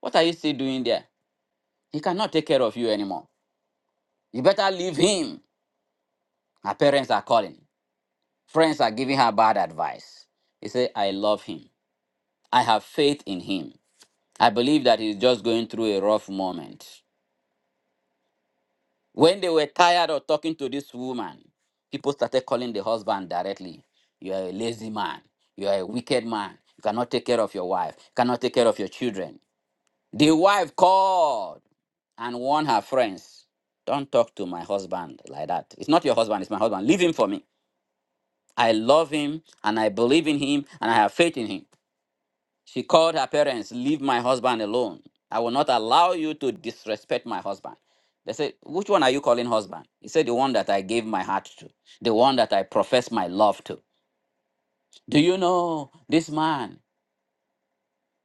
S1: What are you still doing there? He cannot take care of you anymore. You better leave him. Her parents are calling. Friends are giving her bad advice. He said, I love him. I have faith in him. I believe that he's just going through a rough moment. When they were tired of talking to this woman, people started calling the husband directly. You are a lazy man. You are a wicked man. You cannot take care of your wife. You cannot take care of your children. The wife called and warned her friends. Don't talk to my husband like that. It's not your husband, it's my husband. Leave him for me. I love him and I believe in him and I have faith in him. She called her parents, Leave my husband alone. I will not allow you to disrespect my husband. They said, Which one are you calling husband? He said, The one that I gave my heart to, the one that I profess my love to. Do you know this man?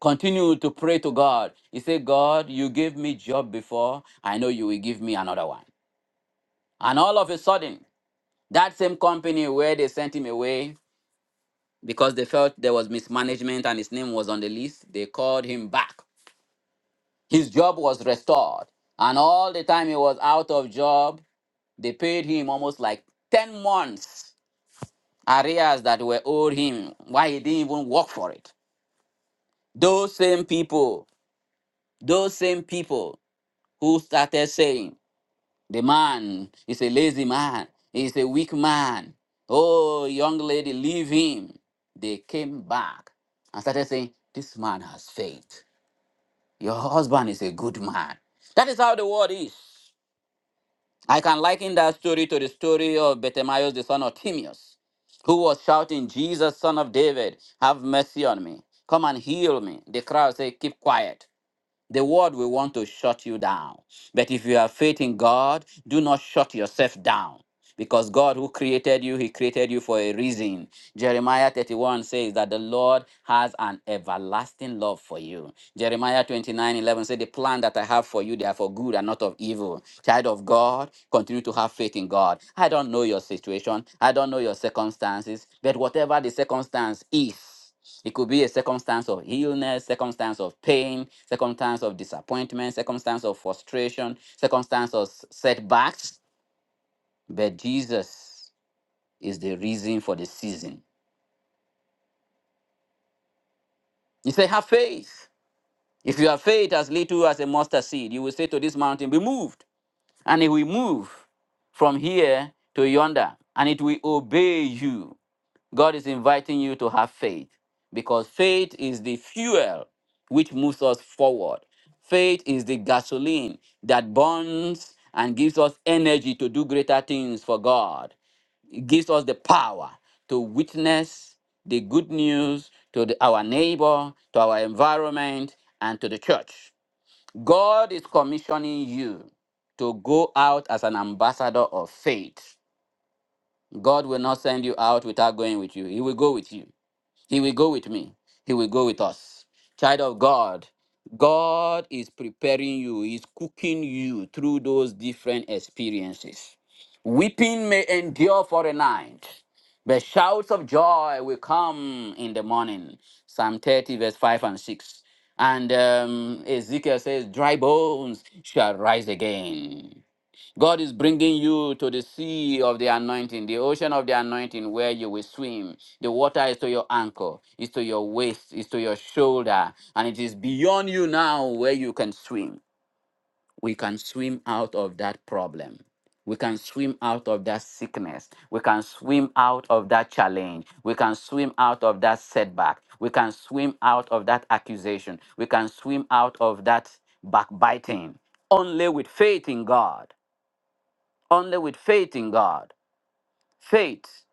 S1: Continue to pray to God. He said, God, you gave me job before. I know you will give me another one. And all of a sudden, that same company where they sent him away because they felt there was mismanagement and his name was on the list, they called him back. His job was restored. And all the time he was out of job, they paid him almost like 10 months arrears that were owed him. Why he didn't even work for it. Those same people, those same people who started saying, The man is a lazy man. He's a weak man. Oh, young lady, leave him. They came back and started saying, This man has faith. Your husband is a good man. That is how the world is. I can liken that story to the story of Bartimaeus, the son of Timaeus, who was shouting, Jesus, son of David, have mercy on me. Come and heal me. The crowd said, Keep quiet. The world will want to shut you down. But if you have faith in God, do not shut yourself down. Because God, who created you, He created you for a reason. Jeremiah 31 says that the Lord has an everlasting love for you. Jeremiah 29:11 says, The plan that I have for you, they are for good and not of evil. Child of God, continue to have faith in God. I don't know your situation, I don't know your circumstances, but whatever the circumstance is, it could be a circumstance of illness, circumstance of pain, circumstance of disappointment, circumstance of frustration, circumstance of s- setbacks. But Jesus is the reason for the season. He said, Have faith. If you have faith as little as a mustard seed, you will say to this mountain, Be moved. And it will move from here to yonder, and it will obey you. God is inviting you to have faith because faith is the fuel which moves us forward. Faith is the gasoline that burns and gives us energy to do greater things for God. It gives us the power to witness the good news to the- our neighbor, to our environment, and to the church. God is commissioning you to go out as an ambassador of faith. God will not send you out without going with you, He will go with you. He will go with me. He will go with us. Child of God, God is preparing you, He's cooking you through those different experiences. Weeping may endure for a night, but shouts of joy will come in the morning. Psalm 30, verse 5 and 6. And um, Ezekiel says, Dry bones shall rise again. God is bringing you to the sea of the anointing, the ocean of the anointing where you will swim. The water is to your ankle, is to your waist, is to your shoulder, and it is beyond you now where you can swim. We can swim out of that problem. We can swim out of that sickness. We can swim out of that challenge. We can swim out of that setback. We can swim out of that accusation. We can swim out of that backbiting only with faith in God only with faith in God. Faith.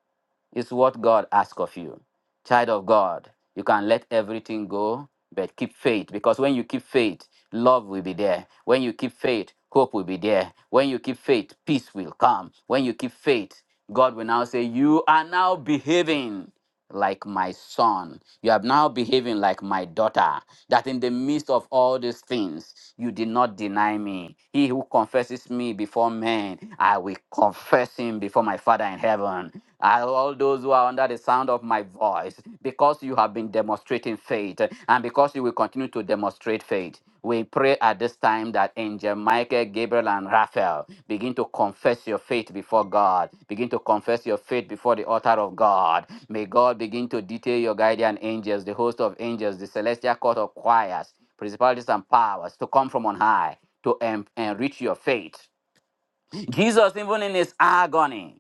S1: It's what God asks of you. Child of God, you can let everything go, but keep faith. Because when you keep faith, love will be there. When you keep faith, hope will be there. When you keep faith, peace will come. When you keep faith, God will now say, You are now behaving like my son. You are now behaving like my daughter. That in the midst of all these things, you did not deny me. He who confesses me before men, I will confess him before my Father in are in heaven, and all those who are under the sound of my voice, because you have been demonstrating faith, and because you will continue to demonstrate faith, we pray at this time that Angel Michael, Gabriel, and Raphael begin to confess your faith before God. Begin to confess your faith before the altar of God. May God begin to detail your guardian angels, the host of angels, the celestial court of choirs, principalities, and powers to come from on high to en- enrich your faith Jesus, even in his agony,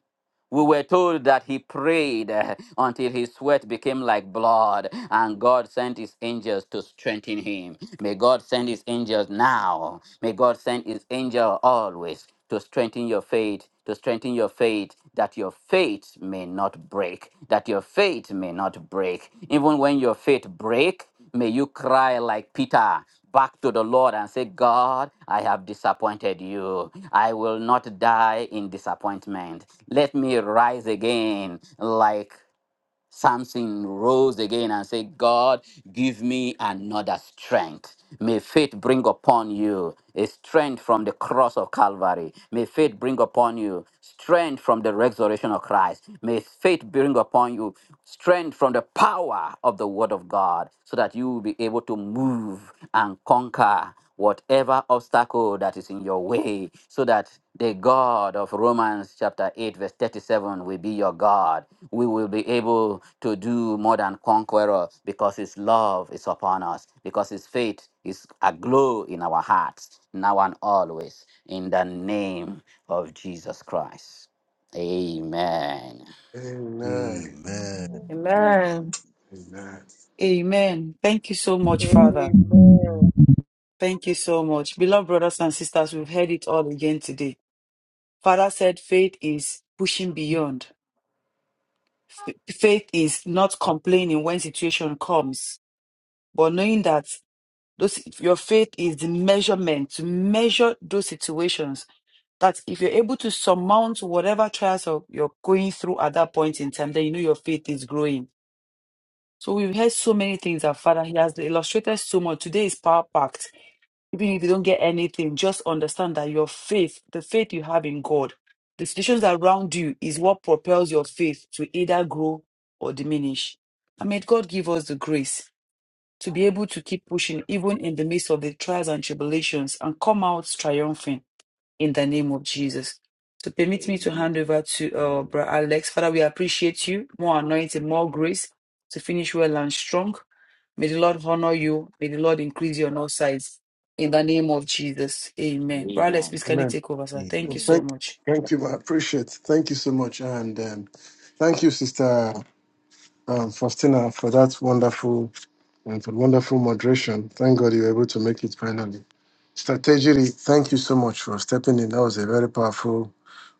S1: we were told that he prayed uh, until his sweat became like blood, and God sent his angels to strengthen him. May God send his angels now. May God send his angel always to strengthen your faith, to strengthen your faith, that your faith may not break, that your faith may not break. Even when your faith break, May you cry like Peter back to the Lord and say, God, I have disappointed you. I will not die in disappointment. Let me rise again like Samson rose again and said, God, give me another strength. May faith bring upon you a strength from the cross of Calvary. May faith bring upon you strength from the resurrection of Christ. May faith bring upon you strength from the power of the word of God so that you will be able to move and conquer whatever obstacle that is in your way, so that the God of Romans chapter 8, verse 37 will be your God. We will be able to do more than conqueror because His love is upon us, because His faith is aglow in our hearts, now and always, in the name of Jesus Christ. Amen.
S2: Amen.
S3: Amen.
S10: Amen.
S2: Amen.
S13: Amen. Thank you so much, Father.
S7: Amen.
S13: Thank you so much. Beloved brothers and sisters, we've heard it all again today. Father said faith is pushing beyond. Faith is not complaining when situation comes, but knowing that Those, your faith is the measurement to measure those situations. That if you're able to surmount whatever trials or you're going through at that point in time, then you know your faith is growing. So we've heard so many things that Father, He has illustrated so much. Today is power packed. Even if you don't get anything, just understand that your faith, the faith you have in God, the situations around you is what propels your faith to either grow or diminish. And may God give us the grace to be able to keep pushing even in the midst of the trials and tribulations and come out triumphant in the name of Jesus. So permit me
S1: Amen.
S13: to hand over to uh, Brother Alex. Father, we appreciate you. More anointing, more grace to finish well and strong. May the Lord honor you. May the Lord increase you on all sides. In the name of Jesus. Amen. Brother Alex,
S1: Amen.
S13: please can you
S2: Amen.
S13: take over, sir? Thank
S2: Well,
S13: you so
S3: Amen.
S2: thank,
S13: much.
S2: thank you. I appreciate. Thank you so much, and um, thank you, Sister um, Faustina, for that wonderful and for wonderful moderation. Thank God you were able to make it finally. Strategy, thank you so much for stepping in. That was a very powerful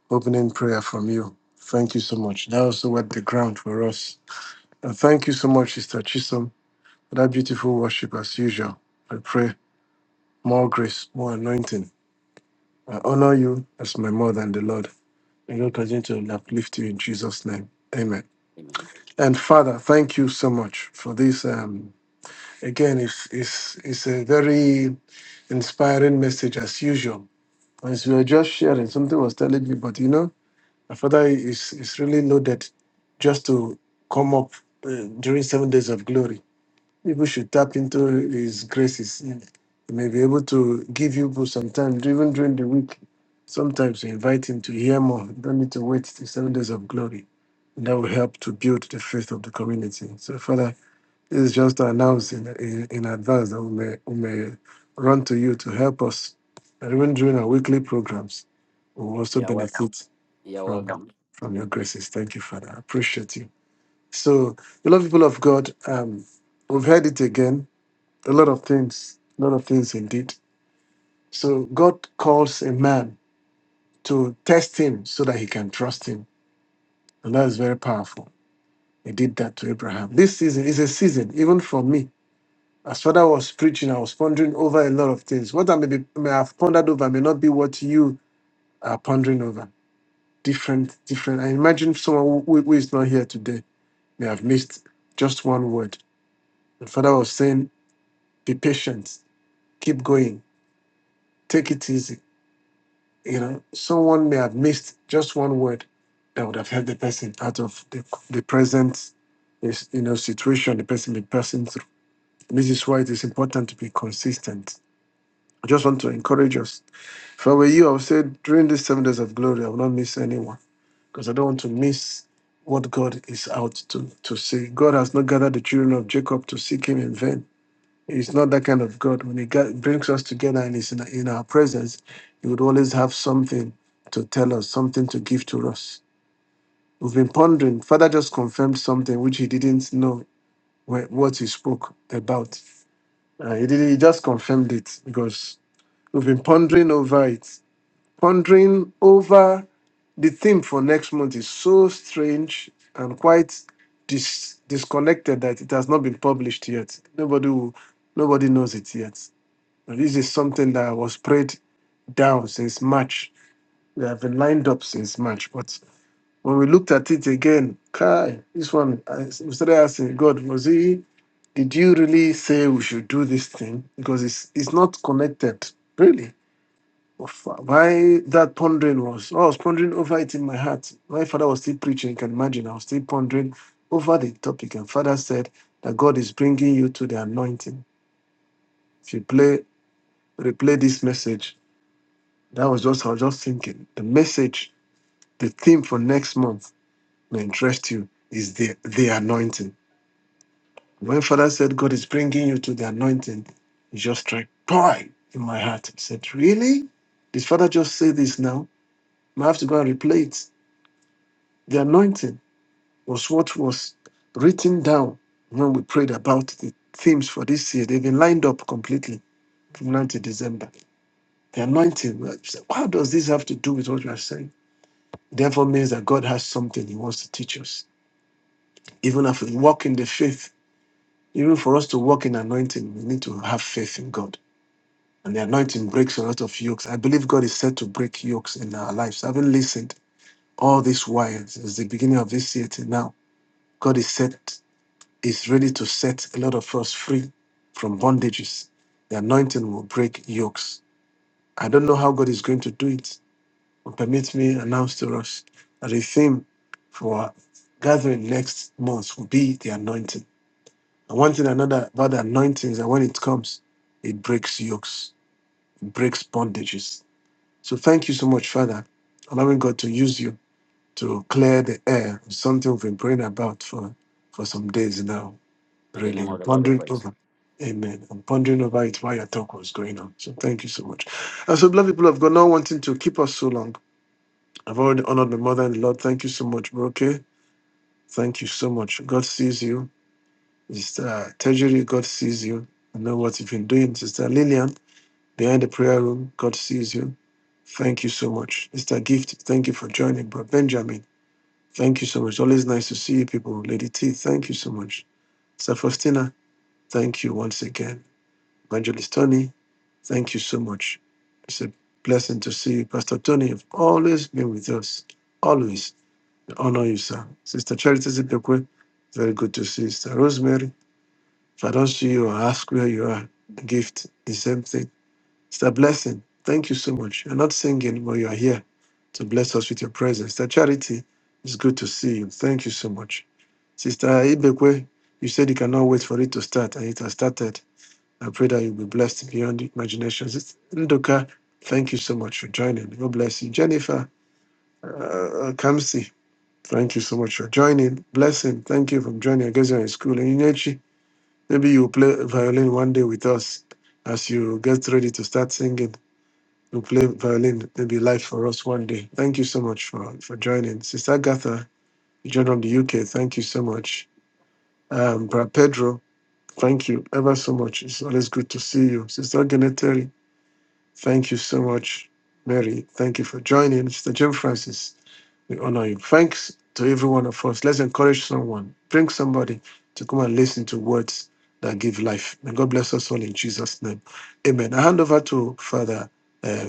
S2: opening prayer from you. Thank you so much. That also wet the ground for us. And thank you so much, Sister Chisholm, for that beautiful worship as usual. I pray more grace, more anointing. I honor you as my mother and the Lord. May God continue to uplift you in Jesus' name. Amen.
S1: Amen.
S2: And Father, thank you so much for this. Um, Again, it's, it's, it's a very inspiring message as usual. As we were just sharing, something was telling me, but you know, my father is, is really loaded just to come up uh, during seven days of glory. People should tap into his graces. He may be able to give you people some time, even during the week. Sometimes you invite him to hear more. You don't need to wait till seven days of glory. That will help to build the faith of the community. So, Father, it's just announcing in, in advance that we may, we may run to you to help us. And even during our weekly programs, we will also
S1: You are wel-
S2: benefit
S1: you are
S2: from
S1: welcome.
S2: from your graces. Thank you, Father. I appreciate you. So, beloved people of God, um, we've heard it again. A lot of things, a lot of things indeed. So God calls a man to test him so that he can trust him. And that is very powerful. He did that to Abraham. This season is a season, even for me. As Father was preaching, I was pondering over a lot of things. What I may, be, may have pondered over may not be what you are pondering over. Different, different. I imagine someone who, who is not here today may have missed just one word. The Father was saying, be patient, keep going, take it easy. You know, someone may have missed just one word that would have helped the person out of the, the present is, you know, situation the person may be passing through. This is why it is important to be consistent I just want to encourage us. If I were you, I would say during these seven days of glory, I will not miss anyone because I don't want to miss what God is out to, to see. God has not gathered the children of Jacob to seek him in vain. He's not that kind of God. When he ga- brings us together and is in, in our presence, he would always have something to tell us, something to give to us. We've been pondering. Father just confirmed something which he didn't know wh- what he spoke about. Uh, he, did, he just confirmed it because we've been pondering over it pondering over the theme for next month is so strange and quite dis- disconnected that it has not been published yet. Nobody will, nobody knows it yet. And This is something that was prayed down since March. We have been lined up since March, but when we looked at it again, Kai, this one, I we started asking God, was he? Did you really say we should do this thing? Because it's it's not connected, really of Why that pondering was, oh, I was pondering over it in my heart. My father was still preaching, you can imagine. I was still pondering over the topic. And father said that God is bringing you to the anointing. If you play, replay this message, that was just, I was just thinking. The message, the theme for next month may interest you is the, the anointing. When father said God is bringing you to the anointing, it just struck pride in my heart. I said, really? Did father just say this now? I have to go and replay it. The anointing was what was written down when we prayed about the themes for this year. They've been lined up completely from now to December. The anointing, we are- how does this have to do with what we are saying? Therefore, means that God has something He wants to teach us. Even if we walk in the faith, even for us to walk in anointing, we need to have faith in God. And the anointing breaks a lot of yokes. I believe God is set to break yokes in our lives. Having listened all these while since the beginning of this year till now, God is set. is ready to set a lot of us free from bondages. The anointing will break yokes. I don't know how God is going to do it, but permit me announce to us that the theme for our gathering next month will be the anointing. And one thing another about the anointing is that when it comes, it breaks yokes, it breaks bondages. So thank you so much, Father, allowing God to use you to clear the air of something we've been praying about for, for some days now
S1: In the
S2: really
S1: name of
S2: an
S1: the Lord, we
S2: pondering
S1: pray.
S2: over. Amen. I'm pondering over it while your talk was going on. So thank you so much. And so, beloved people of God, not wanting to keep us so long. I've already honored my mother and the Lord. Thank you so much, Broke. Thank you so much. God sees you. Sister Tajiri, God sees you. I know what you've been doing. Sister Lillian, behind the prayer room, God sees you. Thank you so much. Sister Gift, thank you for joining. Bro Benjamin, thank you so much. Always nice to see you people. Lady T, thank you so much. Sister Faustina, thank you once again. Evangelist Tony, thank you so much. It's a blessing to see you. Pastor Tony, you've always been with us. Always. We honor you, sir. Sister Charity Zipekwe, very good to see you. Sister Rosemary, if I don't see you, I ask where you are. A gift, the same thing. It's a blessing. Thank you so much. You're not singing, but you are here to bless us with your presence. Sister Charity, it's good to see you. Thank you so much. Sister Ibekwe, you said you cannot wait for it to start, and it has started. I pray that you'll be blessed beyond imagination, It's- Ndoka, thank you so much for joining. God bless you. Jennifer uh, uh, Kamsi, thank you so much for joining. Blessing, thank you for joining. I guess you're in school. And Inechi, maybe you'll play violin one day with us as you get ready to start singing. You'll play violin, maybe live for us one day. Thank you so much for, for joining. Sister Agatha, you joined from the UK. Thank you so much. Um, Brad Pedro, thank you ever so much. It's always good to see you. Sister Geneteri, Thank you so much, Mary. Thank you for joining. Mr. Jim Francis, we honor you. Thanks to every one of us. Let's encourage someone. Bring somebody to come and listen to words that give life. And God bless us all in Jesus' name. Amen. I hand over to Father uh,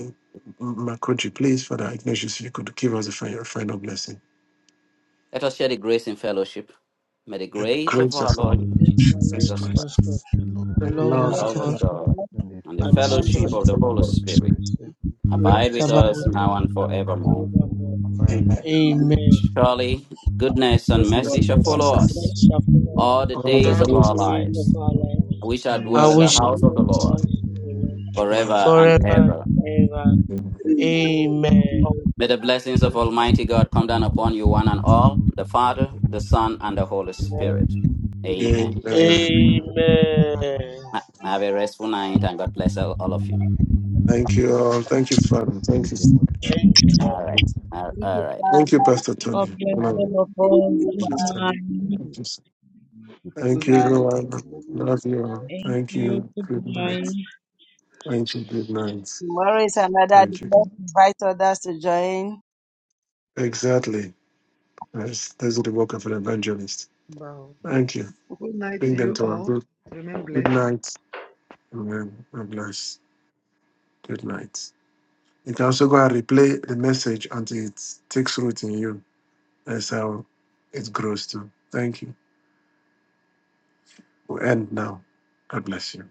S2: Makoji, please, Father Ignatius, if you could give us a final, final blessing.
S1: Let us share the grace in fellowship. May the
S2: In the
S1: grace of
S2: grace of
S1: our
S2: our
S7: The
S2: Lord
S1: Lord
S7: grace of our Lord
S2: Jesus
S1: Jesus
S3: Amen.
S2: Christ,
S7: Jesus
S1: Christ,
S3: Amen.
S7: Christ,
S3: Jesus
S7: the
S2: the
S3: Christ, the Lord,
S1: the
S7: love
S2: love
S7: of
S1: love
S2: of
S1: of
S7: God,
S2: God, the
S1: God,
S3: and the
S1: and the
S7: and
S14: Lord
S7: the
S3: faithfulness
S5: And
S3: of
S2: blessings
S5: thank
S3: the
S1: fellowship
S14: God,
S2: of
S3: Holy
S1: of
S7: fellowship of
S1: the
S7: the
S2: the
S1: Holy
S2: Holy
S7: Holy
S1: Spirit
S2: Spirit.
S3: Spirit,
S14: save me,
S7: Spirit
S1: abide
S7: rest
S1: with
S7: about
S3: and
S14: Spirit
S3: the
S1: us
S7: with us now
S1: now
S14: of
S3: Son,
S14: God,
S1: and
S14: and
S7: and
S3: and
S1: forevermore.
S7: forevermore.
S14: fire.
S2: Amen.
S9: Amen.
S3: the Holy
S7: Amen.
S3: Spirit,
S1: Surely, goodness and
S2: Blessings
S9: God,
S1: mercy
S2: and
S1: shall
S3: and the Son of
S1: follow
S2: blessings
S3: the
S7: God
S2: of the Lord.
S7: bless
S1: us
S7: you
S3: Spirit,
S7: upon us
S1: all the
S2: all the
S1: days
S7: all
S1: of
S7: the
S1: our
S2: days
S9: okay,
S7: days
S3: and the
S7: of
S1: lives.
S3: Son
S7: our
S3: of
S7: lives.
S1: We shall
S2: and we
S7: I
S1: dwell in
S2: sit
S1: the
S7: wish I
S2: down
S1: house of
S7: may
S1: the
S7: be in the
S1: Lord
S3: the
S7: house of the
S3: Holy
S7: Lord
S3: Spirit.
S1: forever and
S7: forever and
S1: ever.
S3: Amen.
S7: ever.
S9: amen.
S7: Amen.
S15: All
S1: May the blessings of
S15: right.
S1: Almighty God come down upon you, one and all, the Father, the Son, and the Holy Spirit. Amen.
S2: and uh,
S3: Amen.
S7: Amen.
S3: Amen.
S1: Ha- Have a restful night and God bless all all of you.
S2: thank you all. Thank you, Father.
S3: Thank
S2: Thank
S3: you
S2: you
S3: so
S2: so
S3: much,
S2: much.
S3: Father.
S7: Thank you, Father.
S1: All right. All all
S5: you,
S1: right.
S2: Thank you,
S5: Father,
S2: Pastor
S8: God
S2: Tony.
S3: you,
S8: bless
S2: Honor
S5: and
S8: all
S3: Lord.
S2: you,
S8: of
S5: this is
S9: Good
S8: us.
S9: night,
S5: you.
S3: Thank
S8: Good
S3: you,
S2: Mr.
S3: Lord.
S9: my
S2: Tony.
S3: Thank
S8: night.
S3: you.
S2: Thank
S3: Thank
S2: you. so-
S3: you, Pastor
S6: Good
S2: Thank you,
S6: night.
S3: Tony. Thank you,
S2: everyone.
S3: everybody.
S6: everybody.
S2: Love you all.
S8: Thank
S2: Thank
S8: you.
S2: you.
S8: Good
S2: Good
S8: night.
S2: night. Thank you. Good night.
S5: Tomorrow is another day.
S2: Thank you.
S5: Let's invite others to join.
S2: Exactly. That's, that's the work of an evangelist.
S15: Wow.
S2: Thank you.
S15: Good night
S2: Bring
S15: to
S2: them
S15: you
S2: to our
S15: all.
S2: group.
S15: Remain
S2: Good
S15: blessed.
S2: night. Amen. God bless. Good night. You can also go and replay the message until it takes root in you. That's how it grows too. Thank you. We'll end now. God bless you.